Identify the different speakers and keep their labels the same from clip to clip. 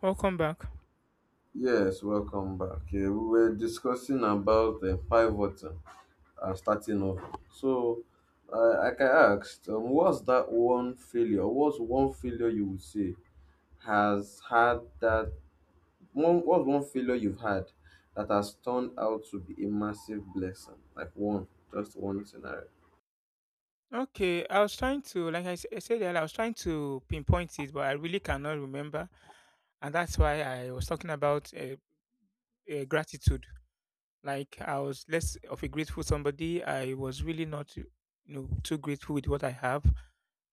Speaker 1: Welcome back.
Speaker 2: Yes, welcome back. Yeah, we were discussing about the pivoting and starting over. So, like I asked, what's that one failure? What's one failure you would say has had that one? What's one failure you've had that has turned out to be a massive blessing? Like one, just one scenario.
Speaker 1: Okay, I was trying to, I said earlier, I was trying to pinpoint it, but I really cannot remember, and that's why I was talking about gratitude. Like I was less of a grateful somebody. I was really not, you know, too grateful with what I have.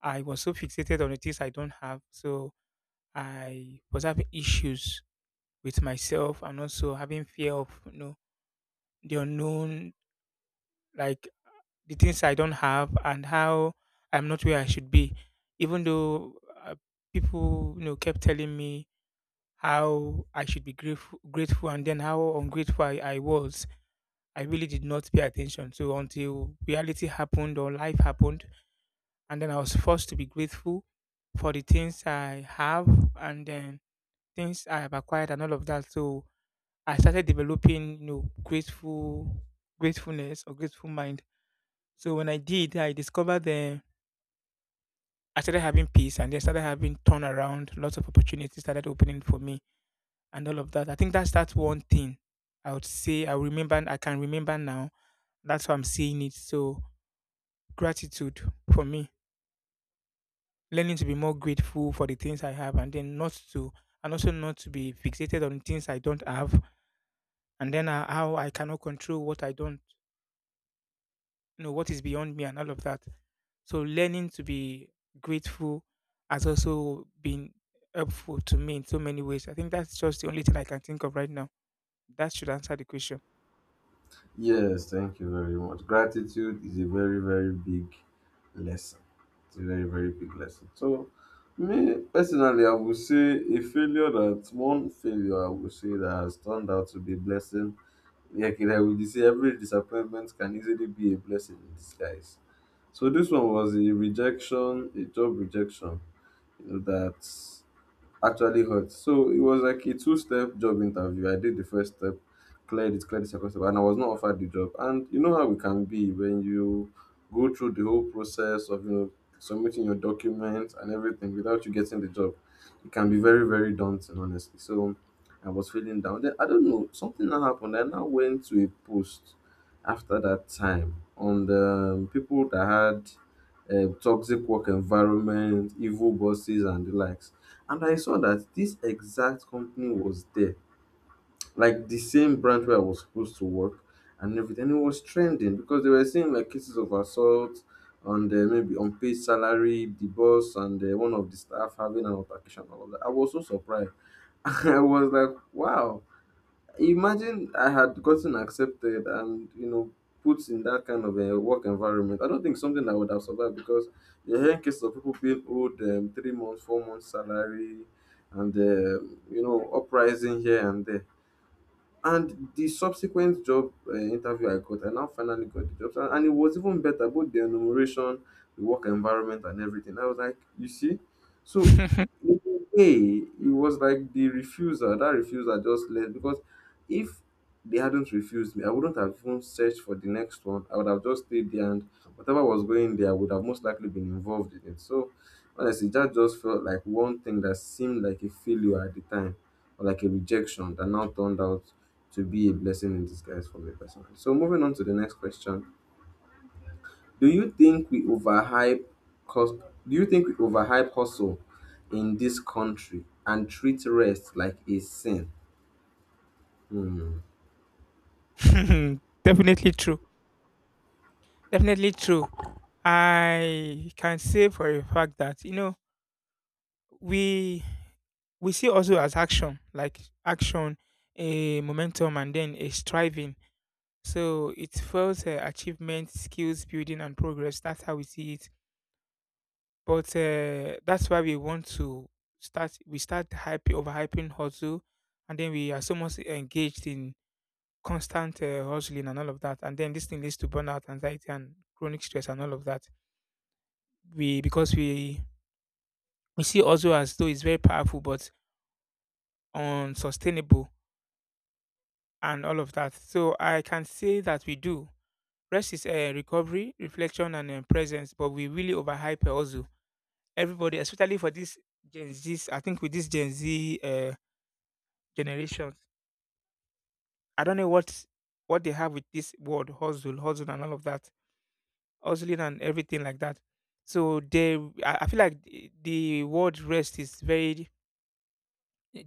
Speaker 1: I was so fixated on the things I don't have, so I was having issues with myself and also having fear of, you know, the unknown. Like the things I don't have and how I'm not where I should be, even though uh, people, you know, kept telling me how I should be grateful, grateful, and then how ungrateful I was. I really did not pay attention. So until reality happened or life happened, and then I was forced to be grateful for the things I have and then things I have acquired and all of that. So I started developing, you know, gratefulness or grateful mind. So when I did, I discovered the I started having peace and then started having turnaround, lots of opportunities started opening for me and all of that. I think that's that one thing I would say I can remember now. That's why I'm saying it. So gratitude for me. Learning to be more grateful for the things I have and then not to and also not to be fixated on things I don't have and then how I cannot control what I don't you know what is beyond me and all of that, so learning to be grateful has also been helpful to me in so many ways. I think that's just the only thing I can think of right now that should answer the question.
Speaker 2: Yes, thank you very much. Gratitude is a very, very big lesson. It's a very, very big lesson. So, me personally, I would say a failure that one failure I would say that has turned out to be a blessing. Like I would say, every disappointment can easily be a blessing in disguise. So, this one was a rejection, a job rejection, that actually hurt. So it was like a two-step job interview. I did the first step, cleared it, cleared the second step, and I was not offered the job. And you know how it can be when you go through the whole process of submitting your documents and everything without you getting the job. It can be very, very daunting, honestly. So I was feeling down. Then I don't know, something now happened. I now went to a post after that time on the people that had toxic work environment, evil bosses, and the likes. And I saw that this exact company was there, like the same branch where I was supposed to work and everything. And it was trending because they were saying like cases of assault and maybe unpaid salary, the boss and one of the staff having an altercation and all that. I was so surprised. I was like, wow. Imagine I had gotten accepted and put in that kind of a work environment. I don't think something I would have survived because the are hearing cases of people being owed 3 months, 4 months salary, and uprising here and there. And the subsequent job interview I got, I now finally got the job. And it was even better, both the enumeration, the work environment, and everything. I was like, you see? So, in a way, it was like the refuser, that refuser just left because if they hadn't refused me, I wouldn't have even searched for the next one. I would have just stayed there, and whatever was going there, I would have most likely been involved in it. So, honestly, that just felt like one thing that seemed like a failure at the time or like a rejection that now turned out to be a blessing in disguise for me personally. So moving on to the next question. Do you think we overhype cause do you think we overhype hustle in this country and treat rest like a sin? Hmm.
Speaker 1: Definitely true, definitely true. I can say for a fact that, you know, we we see also as action, like action, a momentum and then a striving. So it fuels achievement, skills building, and progress. That's how we see it. But that's why we want to start. We start hype overhyping hustle, and then we are so much engaged in constant hustling and all of that, and then this thing leads to burnout, anxiety, and chronic stress and all of that. We because we see hustle as though it's very powerful, but unsustainable and all of that. So I can say that we do. Rest is recovery, reflection, and presence, but we really overhype hustle. Everybody, especially for this Gen Z, I think with this Gen Z generations. I don't know What they have with this word hustle, hustle, and all of that, hustling and everything like that. So they, I feel like the word rest is very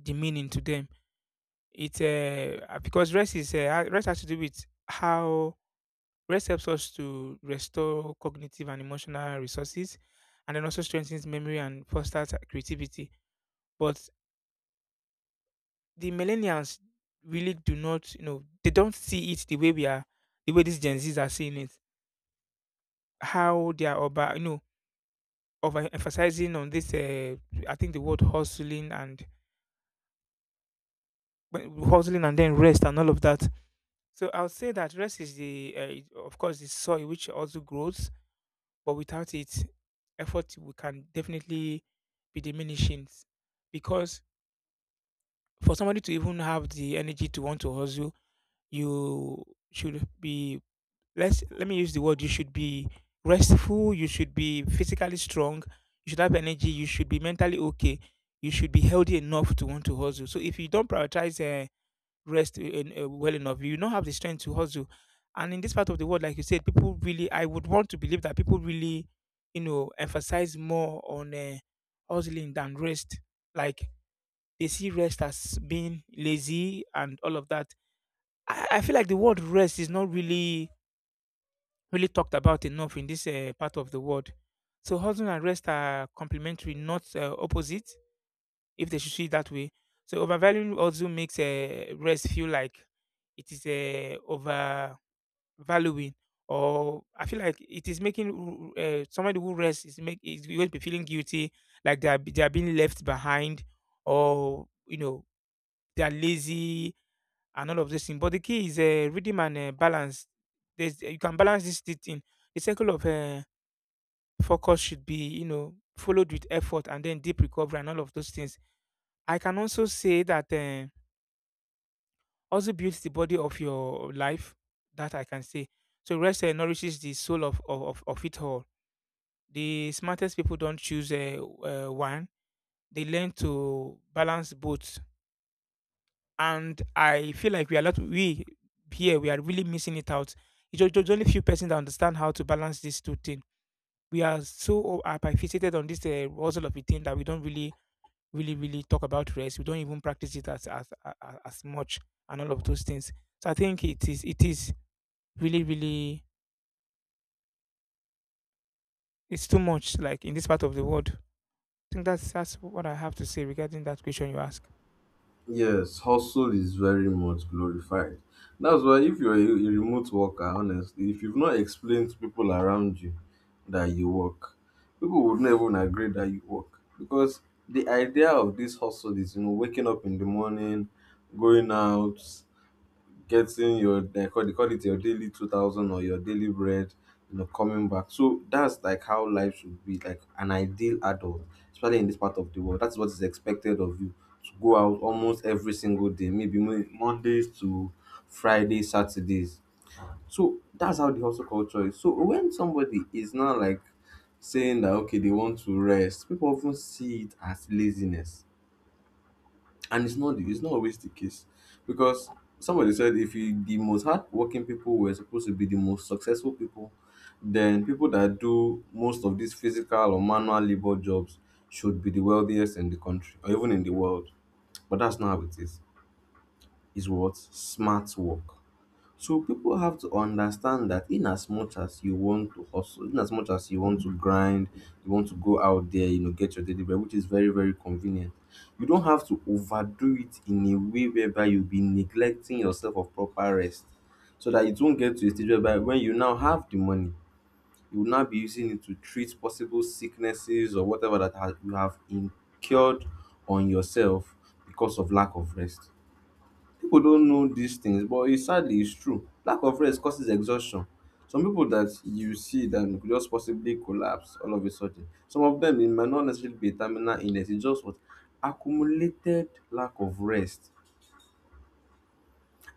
Speaker 1: demeaning to them. It's because rest has to do with how rest helps us to restore cognitive and emotional resources, and then also strengthens memory and fosters creativity. But the millennials really do not, you know, they don't see it the way we are the way these Gen Zs are seeing it. How they are, over, you know, over emphasizing on this I think the word hustling and hustling and then rest and all of that. So I'll say that rest is the of course the soil which also grows, but without it effort we can definitely be diminishing, because for somebody to even have the energy to want to hustle, you should be. Let me use the word. You should be restful. You should be physically strong. You should have energy. You should be mentally okay. You should be healthy enough to want to hustle. So if you don't prioritize rest well enough, you don't have the strength to hustle. And in this part of the world, like you said, people really. I would want to believe that people really, you know, emphasize more on hustling than rest. Like they see rest as being lazy and all of that. I feel like the word rest is not really talked about enough in this part of the world. So hustle and rest are complementary, not opposite, if they should see it that way. So overvaluing also makes rest feel like it is overvaluing, or I feel like it is making somebody who rests is going to be feeling guilty, like they are being left behind, or you know they are lazy and all of this thing. But the key is rhythm and balance. There's You can balance this thing. The circle of focus should be, you know, followed with effort and then deep recovery and all of those things. I can also say that also builds the body of your life. That I can say. So rest nourishes the soul of, of it all. The smartest people don't choose one; they learn to balance both. And I feel like we are not we here we are really missing it out. It's just only few persons that understand how to balance these two things. We are so hyper fixated on this hustle of a thing that we don't really, really talk about rest. We don't even practice it as as much, and all of those things. So I think it is really, really it's too much. Like in this part of the world, I think that's what I have to say regarding that question you ask.
Speaker 2: Yes, hustle is very much glorified. That's why if you're a remote worker, honestly, if you've not explained to people around you that you work, people would never even agree that you work. Because the idea of this hustle is, you know, waking up in the morning, going out, getting your they call it your daily 2000 or your daily bread, you know, coming back. So that's like how life should be, like an ideal adult, especially in this part of the world. That's what is expected of you, to go out almost every single day, maybe Mondays to Fridays, Saturdays. So that's how the hustle culture is. So when somebody is not like saying that okay they want to rest, people often see it as laziness, and it's not always the case. Because somebody said, if you, the most hardworking people were supposed to be the most successful people, then people that do most of these physical or manual labor jobs should be the wealthiest in the country or even in the world. But that's not how it is. It's what smart work. So people have to understand that in as much as you want to hustle, in as much as you want to grind, you want to go out there, you know, get your daily bread, which is very, very convenient. You don't have to overdo it in a way whereby you'll be neglecting yourself of proper rest. So that it won't get to a stage whereby when you now have the money, you will now be using it to treat possible sicknesses or whatever that has, you have incurred on yourself because of lack of rest. Pipu don know dis things, but it's sadly it's true. Lack of rest causes exhaustion. Some pipu dat you see dem go just possibly collapse all of a sudden. Some of dem e might not necessarily be a terminal illness, e just what accumulated lack of rest.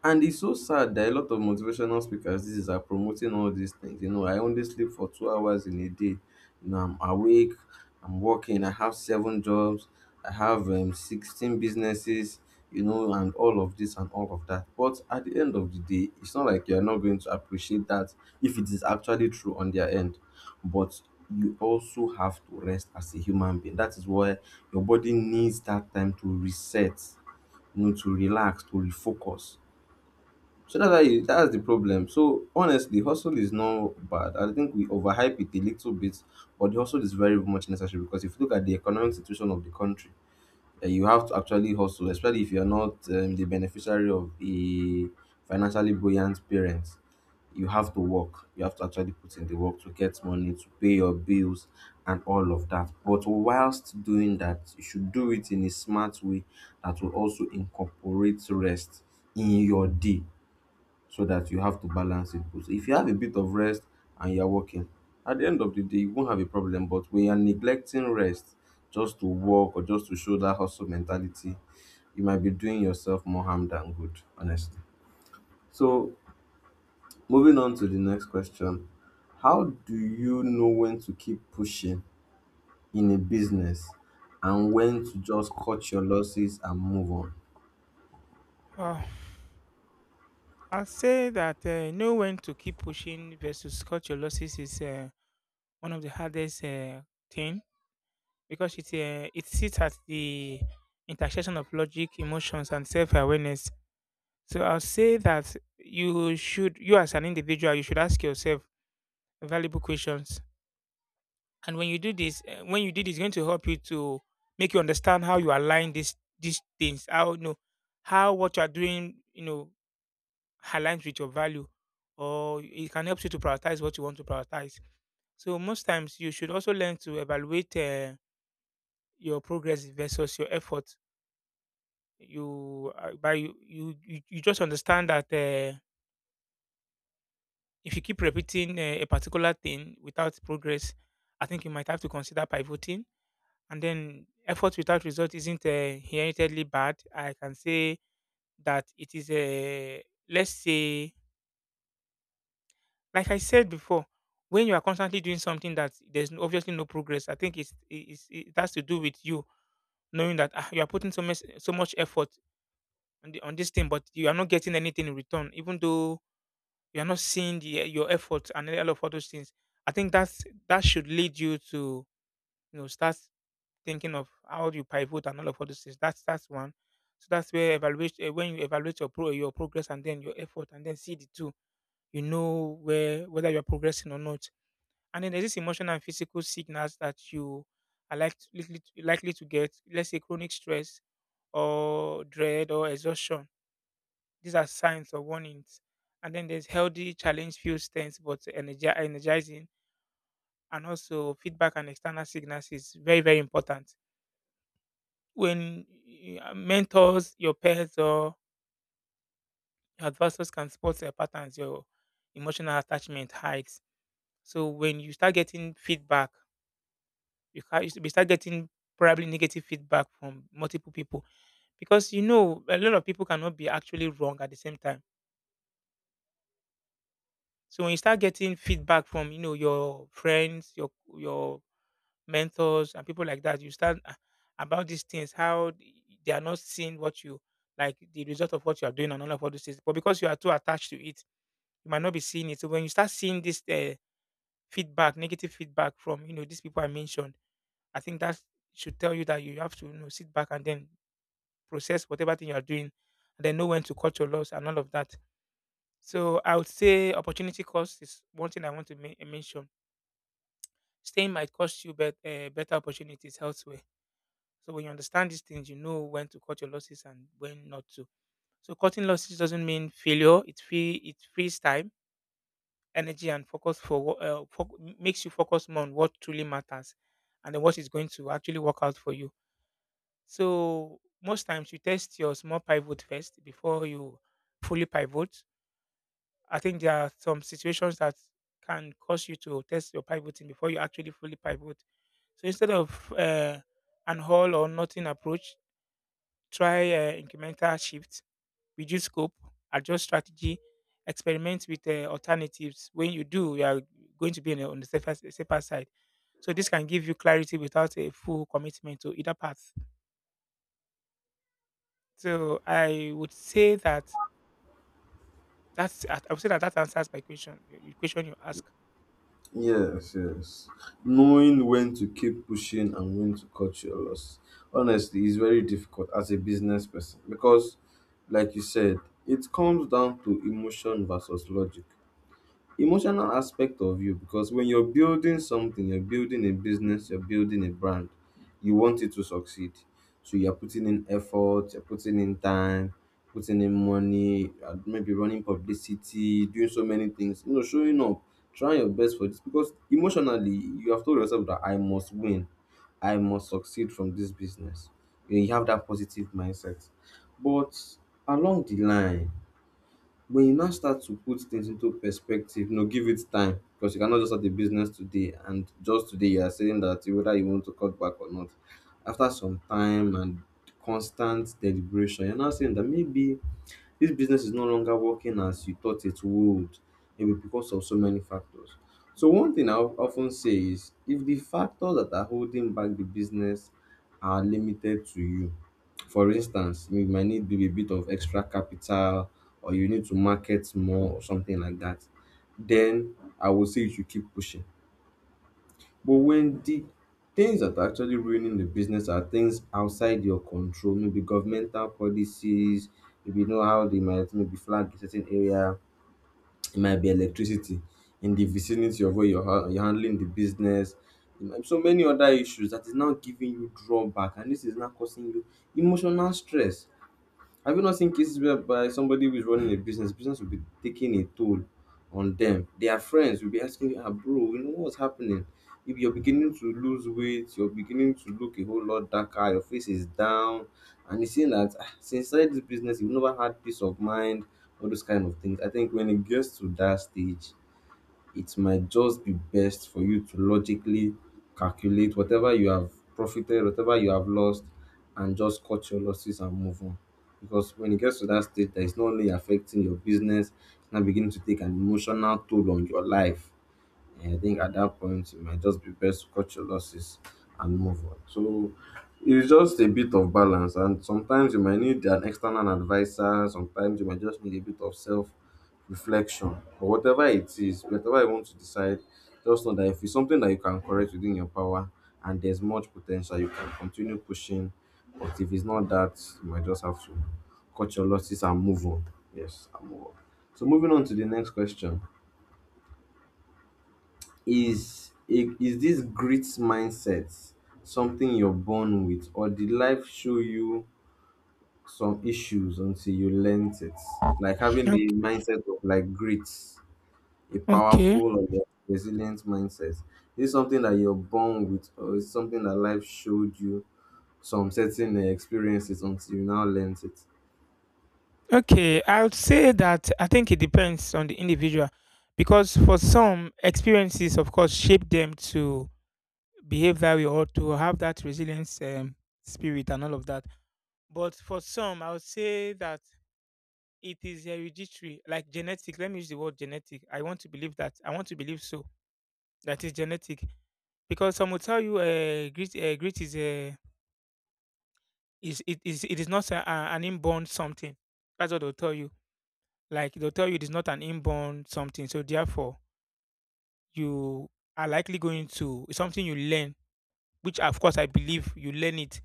Speaker 2: And it's so sad that a lot of motivational speakers these days are promoting all these things. You know, I only sleep for 2 hours in a day. You know, I'm awake, I'm working, I have seven jobs, I have 16 businesses, you know, and all of this and all of that. But at the end of the day, it's not like you're not going to appreciate that if it is actually true on their end. But you also have to rest as a human being. That is why your body needs that time to reset, you know, to relax, to refocus. So that's why that's the problem. So honestly, hustle is not bad. I think we overhype it a little bit, but the hustle is very much necessary, because if you look at the economic situation of the country, eh, you have to actually hustle, especially if you're not the beneficiary of a financially buoyant parent. You have to work. You have to actually put in the work to get money, to pay your bills, and all of that. But whilst doing that, you should do it in a smart way that will also incorporate rest in your day, so that you have to balance it. But if you have a bit of rest and you're working, at the end of the day, you won't have a problem. But when you're neglecting rest just to work or just to show that hustle mentality, you might be doing yourself more harm than good, honestly. So, moving on to the next question. How do you know when to keep pushing in a business and when to just cut your losses and move on?
Speaker 1: Wow. I'll say that, know when to keep pushing versus cut your losses is one of the hardest thing, because it sits at the intersection of logic, emotions, and self awareness. So I'll say that you should, you as an individual, you should ask yourself valuable questions. And when you do this, it's going to help you to make you understand how you align these things. How you know how what you are doing, you know, aligns with your value, or it can help you to prioritize what you want to prioritize. So most times, you should also learn to evaluate your progress versus your effort. You by you you you you just understand that. If you keep repeating a particular thing without progress, I think you might have to consider pivoting. And then effort without result isn't inherently bad. I can say that it is a, let's say, like I said before, when you are constantly doing something that there's obviously no progress, I think it's it has to do with you knowing that ah, you are putting so much effort on this thing, but you are not getting anything in return, even though you're not seeing your effort and all of all those things. I think that should lead you to, you know, start thinking of how you pivot and all of all those things. That's one. So that's where when you evaluate your progress and then your effort and then see the two. You know where whether you're progressing or not. And then there's this emotional and physical signals that you are likely to get. Let's say chronic stress or dread or exhaustion, these are signs or warnings. And then there's healthy challenge feels tense but energizing. And also feedback and external signals is very, very important. When mentors, your peers or your advisors can spot your patterns, your emotional attachment heights. So when you start getting feedback, you start getting probably negative feedback from multiple people, because you know a lot of people cannot be actually wrong at the same time. So when you start getting feedback from, you know, your friends, your mentors, and people like that, you start "Ah, about these things how they are not seeing what you, like the result of what you are doing and all of all those things. But because you are too attached to it, you might not be seeing it. So when you start seeing this feedback, negative feedback from, you know, these people I mentioned, I think that should tell you that you have to, you know, sit back and then process whatever thing you are doing, and then know when to cut your loss and all of that. So I would say opportunity cost is one thing I want to mention. Staying might cost you better opportunities elsewhere. So when you understand these things, you know when to cut your losses and when not to. So cutting losses doesn't mean failure. It frees time, energy, and focus for what foc makes you focus more on what truly matters, and then what is going to actually work out for you. So most times you test your small pivot first before you fully pivot. I think there are some situations that can cause you to test your pivoting before you actually fully pivot. So instead of an all or nothing approach, try incremental shift, reduce scope, adjust strategy, experiment with alternatives. When you do, you are going to be on the safer side. So this can give you clarity without a full commitment to either path. So I would say that that answers my question. The question you ask.
Speaker 2: Yes, yes. Knowing when to keep pushing and when to cut your loss, honestly, is very difficult as a business person because, like you said, it comes down to emotion versus logic. Emotional aspect of you, because when you're building something, you're building a business, you're building a brand, you want it to succeed. So you're putting in effort, you're putting in time, putting in money, maybe running publicity, doing so many things, you know, showing up, trying your best for this, because emotionally you have told yourself that I must win. I must succeed from this business. You know, you have that positive mindset. But along the line, when you now start to put things into perspective, you know, give it time, because you cannot just start a business today and just today you are saying that whether you want to cut back or not. After some time and constant deliberation, you're now saying that maybe this business is no longer working as you thought it would, maybe because of so many factors. So one thing I often say is, if the factors that are holding back the business are limited to you, for instance, you might need maybe a bit of extra capital, or you need to market more or something like that, then I would say you should keep pushing. But when the things that are actually ruining the business are things outside your control, maybe governmental policies, maybe you know how they might maybe flag a certain area, it might be electricity in the vicinity of where you're handling the business. It might be so many other issues that is now giving you drawback, and this is now causing you emotional stress. Have you not seen cases whereby somebody who is running a business, business will be taking a toll on them. Their friends will be asking, ah, bro, you know what's happening? If you're beginning to lose weight, you're beginning to look a whole lot darker, your face is down, and you see that, "Ah, since you started this business, you've never had peace of mind," all those kind of things. I think when it gets to that stage, it might just be best for you to logically calculate whatever you have profited, whatever you have lost, and just cut your losses and move on. Because when it gets to that state, that is not only affecting your business, it's now beginning to take an emotional toll on your life. And I think at that point, it might just be best to cut your losses and move on. So it's just a bit of balance. And sometimes you might need an external advisor, sometimes you might just need a bit of self reflection or whatever it is, whatever you want to decide. Just know that if it's something that you can correct within your power and there's much potential, you can continue pushing. But if it's not that, you might just have to cut your losses and move on. Yes, and move on. So moving on to the next question. Is this grit mindset something you're born with, or did life show you some issues until you learnt it? Like having the
Speaker 1: Okay.
Speaker 2: mindset of like grit, a
Speaker 1: Okay.
Speaker 2: powerful or a resilient mindset. Is this something that you're born with, or is something that life showed you some certain experiences until you now learnt it?
Speaker 1: Okay, I would say that I think it depends on the individual because for some, experiences, of course, shape them to behave that way or to have that resilience spirit and all of that. But for some, I would say that it is hereditary, like genetic. Let me use the word genetic. I want to believe that. I want to believe so. That is genetic because some will tell you, grit is a is it is it is not an inborn something. That's what they'll tell you. Like they'll tell you it is not an inborn something, so therefore you are likely going to, it's something you learn, which of course I believe you learn it.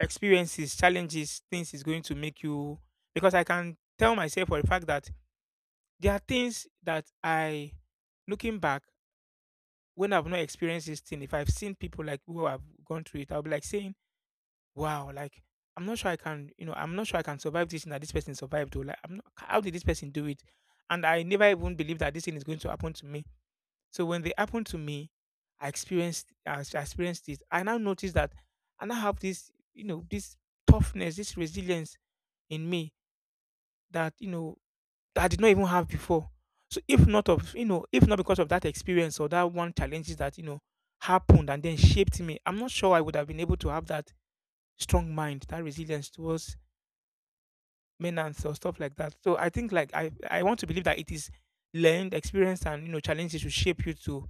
Speaker 1: Experiences, challenges, things is going to make you, because I can tell myself for the fact that there are things that I, looking back, when I've not experienced this thing, if I've seen people like who have gone through it, I'll be like saying, wow, like, I'm not sure I can, you know, I'm not sure I can survive this thing that this person survived. Or like, I'm not, how did this person do it? And I never even believed that this thing is going to happen to me. So when they happened to me, I experienced it. I now noticed that I now have this, you know, this toughness, this resilience in me that, you know, that I did not even have before. So if not of, you know, if not because of that experience or that one challenges that, you know, happened and then shaped me, I'm not sure I would have been able to have that strong mind, that resilience towards maintenance or stuff like that. So I think like, I want to believe that it is learned experience, and you know challenges should shape you to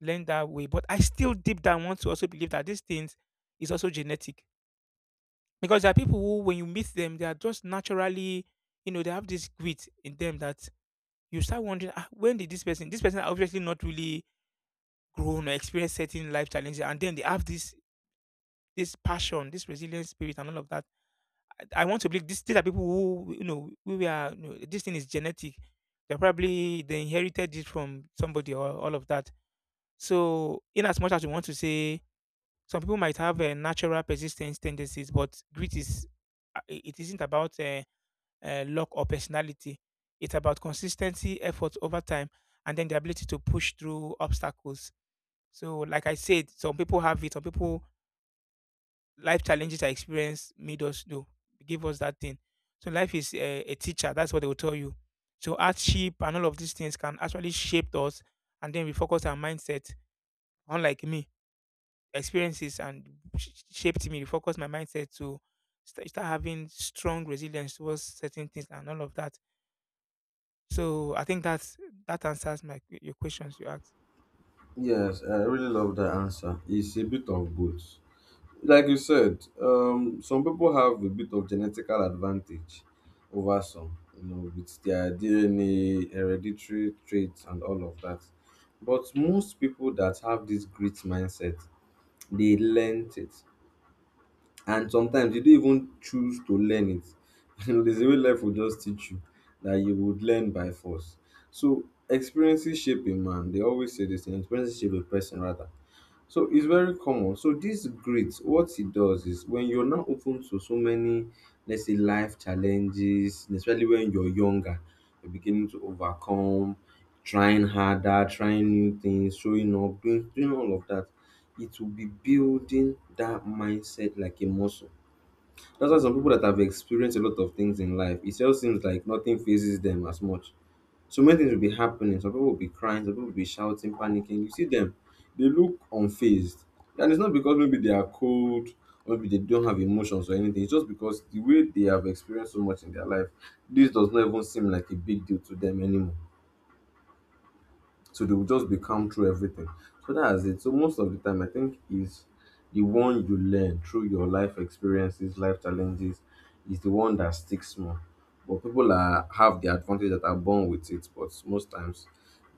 Speaker 1: learn that way. But I still deep down want to also believe that these things is also genetic. Because there are people who, when you meet them, they are just naturally, you know, they have this grit in them that you start wondering, ah, when did this person are obviously not really grown or experienced certain life challenges, and then they have this passion, this resilient spirit, and all of that. I want to believe this, these are people who, you know, we are, you know, this thing is genetic. They probably, they inherited it from somebody or all of that. So, in as much as we want to say some people might have natural persistence tendencies, but grit is it isn't about luck or personality. It's about consistency, effort over time, and then the ability to push through obstacles. So, like I said, some people have it. Some people, life challenges I experience made us do, give us that thing. So life is a teacher. That's what they will tell you. So hardship and all of these things can actually shape us, and then we focus our mindset. Unlike me, experiences and shaped me, refocused my mindset to start having strong resilience towards certain things and all of that. So I think that answers your questions you asked.
Speaker 2: Yes, I really love that answer. It's a bit of both. Like you said, some people have a bit of genetical advantage over some, you know, with their DNA, hereditary traits, and all of that. But most people that have this grit mindset, they learnt it, and sometimes they don't even choose to learn it. You know, there's a way life will just teach you that you would learn by force. So experiences shape a man. They always say this: thing, experiences shape a person rather. So it's very common. So this grit, what it does is when you're now open to so many, let's say, life challenges, especially when you're younger, you're beginning to overcome, trying harder, trying new things, showing up, doing all of that. It will be building that mindset like a muscle. That's why some people that have experienced a lot of things in life, it just seems like nothing phases them as much. So many things will be happening. Some people will be crying, some people will be shouting, panicking. You see them, they look unfazed. And it's not because maybe they are cold, or maybe they don't have emotions or anything. It's just because the way they have experienced so much in their life, this does not even seem like a big deal to them anymore. So they will just be calm through everything. So that's it. So most of the time, I think is the one you learn through your life experiences, life challenges, is the one that sticks more. But people are have the advantage that are born with it, but most times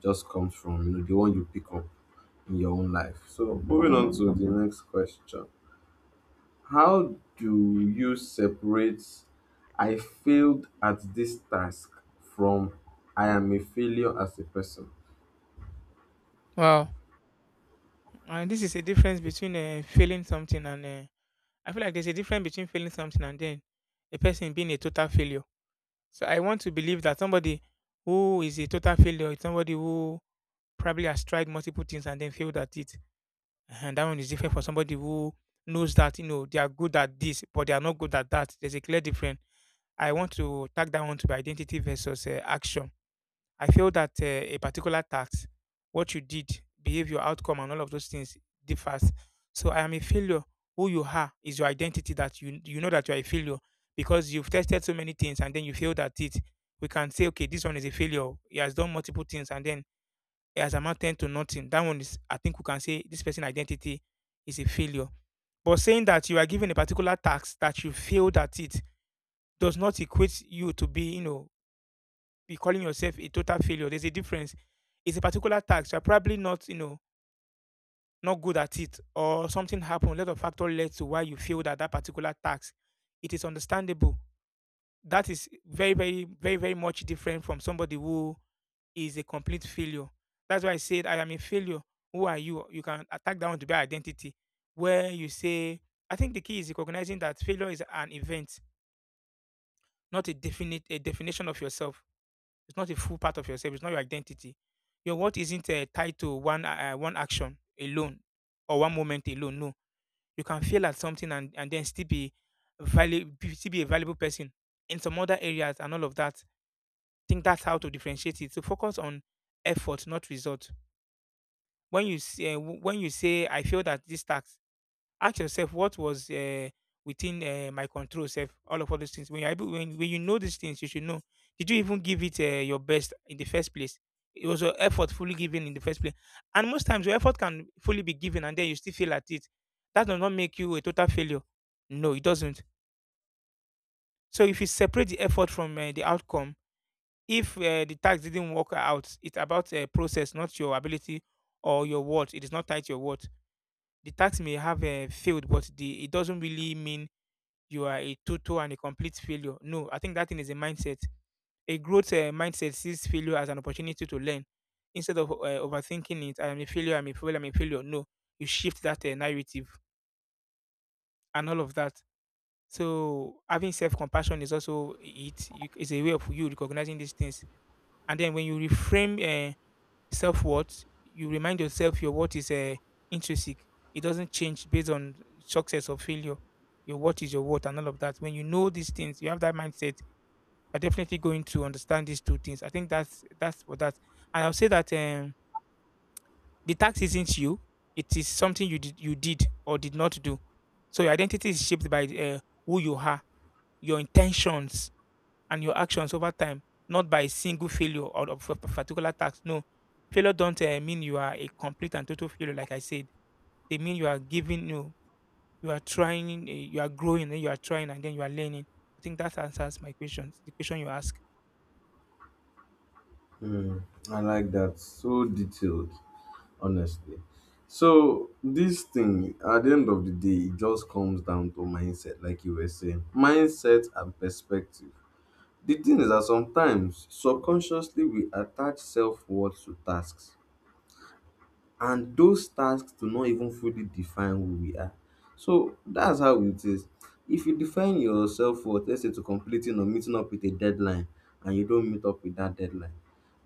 Speaker 2: just comes from the one you pick up in your own life. So moving on to the next question. How do you separate I failed at this task from I am a failure as a person?
Speaker 1: Wow, and this is a difference between failing something and I feel like there's a difference between failing something and then a person being a total failure. So I want to believe that somebody who is a total failure is somebody who probably has tried multiple things and then failed at it. And that one is different for somebody who knows that, you know, they are good at this, but they are not good at that. There's a clear difference. I want to tag that one to be identity versus action. I feel that a particular task, what you did, behavior, outcome, and all of those things differs. So I am a failure. Who you are is your identity, that you know that you are a failure because you've tested so many things and then you failed at it. We can say, okay, this one is a failure. He has done multiple things and then as has amounted to nothing. That one is, I think we can say this person identity is a failure. But saying that you are given a particular task that you failed at it does not equate you to be, you know, be calling yourself a total failure. There's a difference. It's a particular task. You're probably not, you know, not good at it, or something happened. Lot of factor led to why you failed at that particular task. It is understandable. That is very, very, very, very much different from somebody who is a complete failure. That's why I said I am a failure. Who are you? You can attack that one to be identity. Where you say, I think the key is recognizing that failure is an event, not a definition of yourself. It's not a full part of yourself. It's not your identity. Your worth isn't tied to one action alone or one moment alone. No, you can fail at something and then still be valuable, still be a valuable person in some other areas and all of that. Think that's how to differentiate it. So focus on effort, not result. When you say I failed at this task, ask yourself what was within my control. Self, all of all those things. When you know these things, you should know. Did you even give it your best in the first place? It was your effort fully given in the first place. And most times, your effort can fully be given, and then you still fail at it. That does not make you a total failure. No, it doesn't. So if you separate the effort from the outcome, if the task didn't work out, it's about a process, not your ability or your worth. It is not tied to your worth. The tax may have failed, but the it doesn't really mean you are a total and a complete failure. No, I think that thing is a mindset. A growth mindset sees failure as an opportunity to learn. Instead of overthinking it, I am a failure, I'm a failure, I'm a failure. No, you shift that narrative and all of that. So having self-compassion is also it. You- It's a way of you recognizing these things, and then when you reframe self worth. You remind yourself your worth is intrinsic. It doesn't change based on success or failure. Your worth is your worth and all of that. When you know these things, you have that mindset. You're definitely going to understand these two things. I think that's for that. And I'll say that the tax isn't you. It is something you did or did not do. So your identity is shaped by who you are, your intentions, and your actions over time, not by a single failure or of a particular task. No, failure don't mean you are a complete and total failure. Like I said, they mean you are giving you, you are trying, eh, you are growing, then you are trying, and then you are learning. I think that answers my questions. The question you ask.
Speaker 2: Mm, I like that. So detailed, honestly. So this thing, at the end of the day, it just comes down to mindset, like you were saying, mindset and perspective. The thing is that sometimes subconsciously we attach self worth to tasks, and those tasks do not even fully define who we are. So that's how it is. If you define yourself self worth, let's say to completing or meeting up with a deadline, and you don't meet up with that deadline,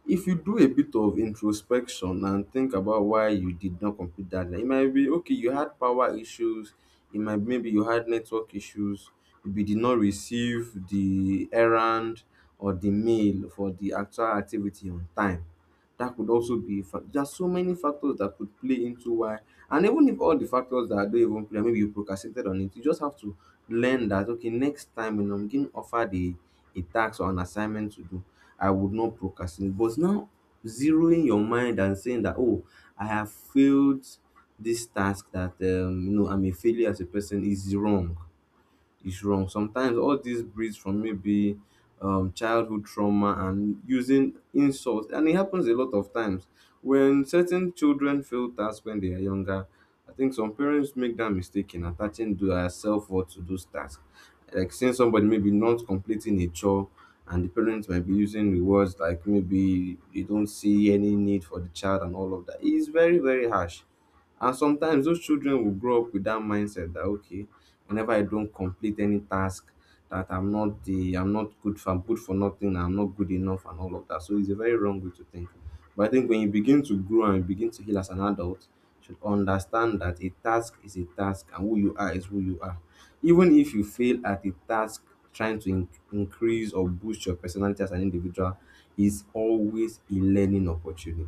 Speaker 2: if you do a bit of introspection and think about why you did not complete that deadline, it might be okay, you had power issues, it might maybe you had network issues, maybe you did not receive the errand or the mail for the actual activity on time, that could also be a fact. There are so many factors that could play into why. And even if all the factors that don't even play, maybe you procrastinated on it, you just have to learn that okay, next time when I'm getting offered a task or an assignment to do, I would not procrastinate. But now zeroing your mind and saying that oh, I have failed this task, that you know, I'm a failure as a person, is wrong. Sometimes all this breeds from maybe childhood trauma and using insults, and it happens a lot of times when certain children fail tasks when they are younger. I think some parents make that mistake in attaching their self worth to those tasks, like seeing somebody maybe not completing a chore. And the parents might be using rewards like maybe they don't see any need for the child and all of that. It's very, very harsh. And sometimes those children will grow up with that mindset that okay, whenever I don't complete any task, that I'm good for nothing, I'm not good enough and all of that. So it's a very wrong way to think. But I think when you begin to grow and you begin to heal as an adult, you should understand that a task is a task and who you are is who you are. Even if you fail at a task, trying to increase or boost your personality as an individual, is always a learning opportunity.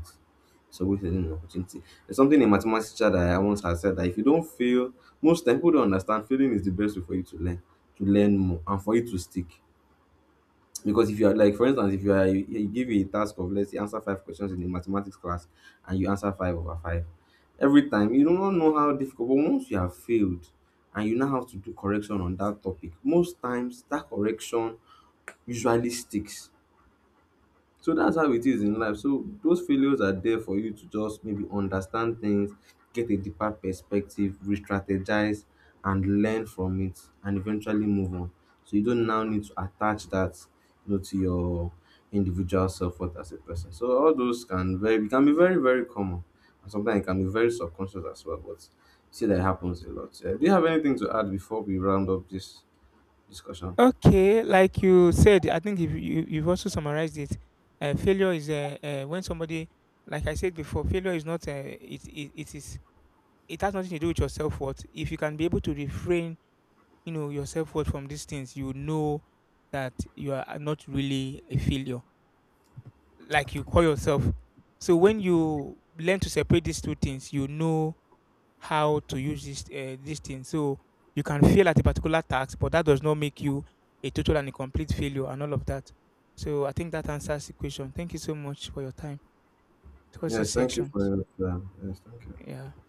Speaker 2: It's always a learning opportunity. There's something a mathematics teacher that I once had said: that if you don't fail. Most times pipu don understand failing is the best way for you to learn more and for you to stick, because if you are, like, for instance, if you are dey give you a task of, let's say, answer five questions in a mathematics class and you answer five over five every time, you no know how difficult. But once you have failed and you now have to do correction on that topic, most times that correction usually sticks. So that's how it is in life. So those failures are there for you to just maybe understand things, get a deeper perspective, re-strategize and learn from it and eventually move on. So you don't now need to attach that, you know, to your individual self worth as a person. So all those can very can be very, very common. And sometimes it can be very subconscious as well. But you see that it happens a lot. Yeah. Do you have anything to add before we round up this discussion?
Speaker 1: Okay, like you said, I think if you, you've also summarized it, failure is when somebody, like I said before, failure is not, it is, it has nothing to do with your self worth. If you can be able to refrain, you know, your self-worth from these things, you know that you are not really a failure like you call yourself. So when you learn to separate these two things, you know how to use this this thing. So you can fail at a particular task, but that does not make you a total and a complete failure and all of that. So I think that answers the question. Thank you so much for your time towards
Speaker 2: Yes,
Speaker 1: this
Speaker 2: thank you
Speaker 1: section.
Speaker 2: for your time. Yes, thank you.
Speaker 1: Yeah.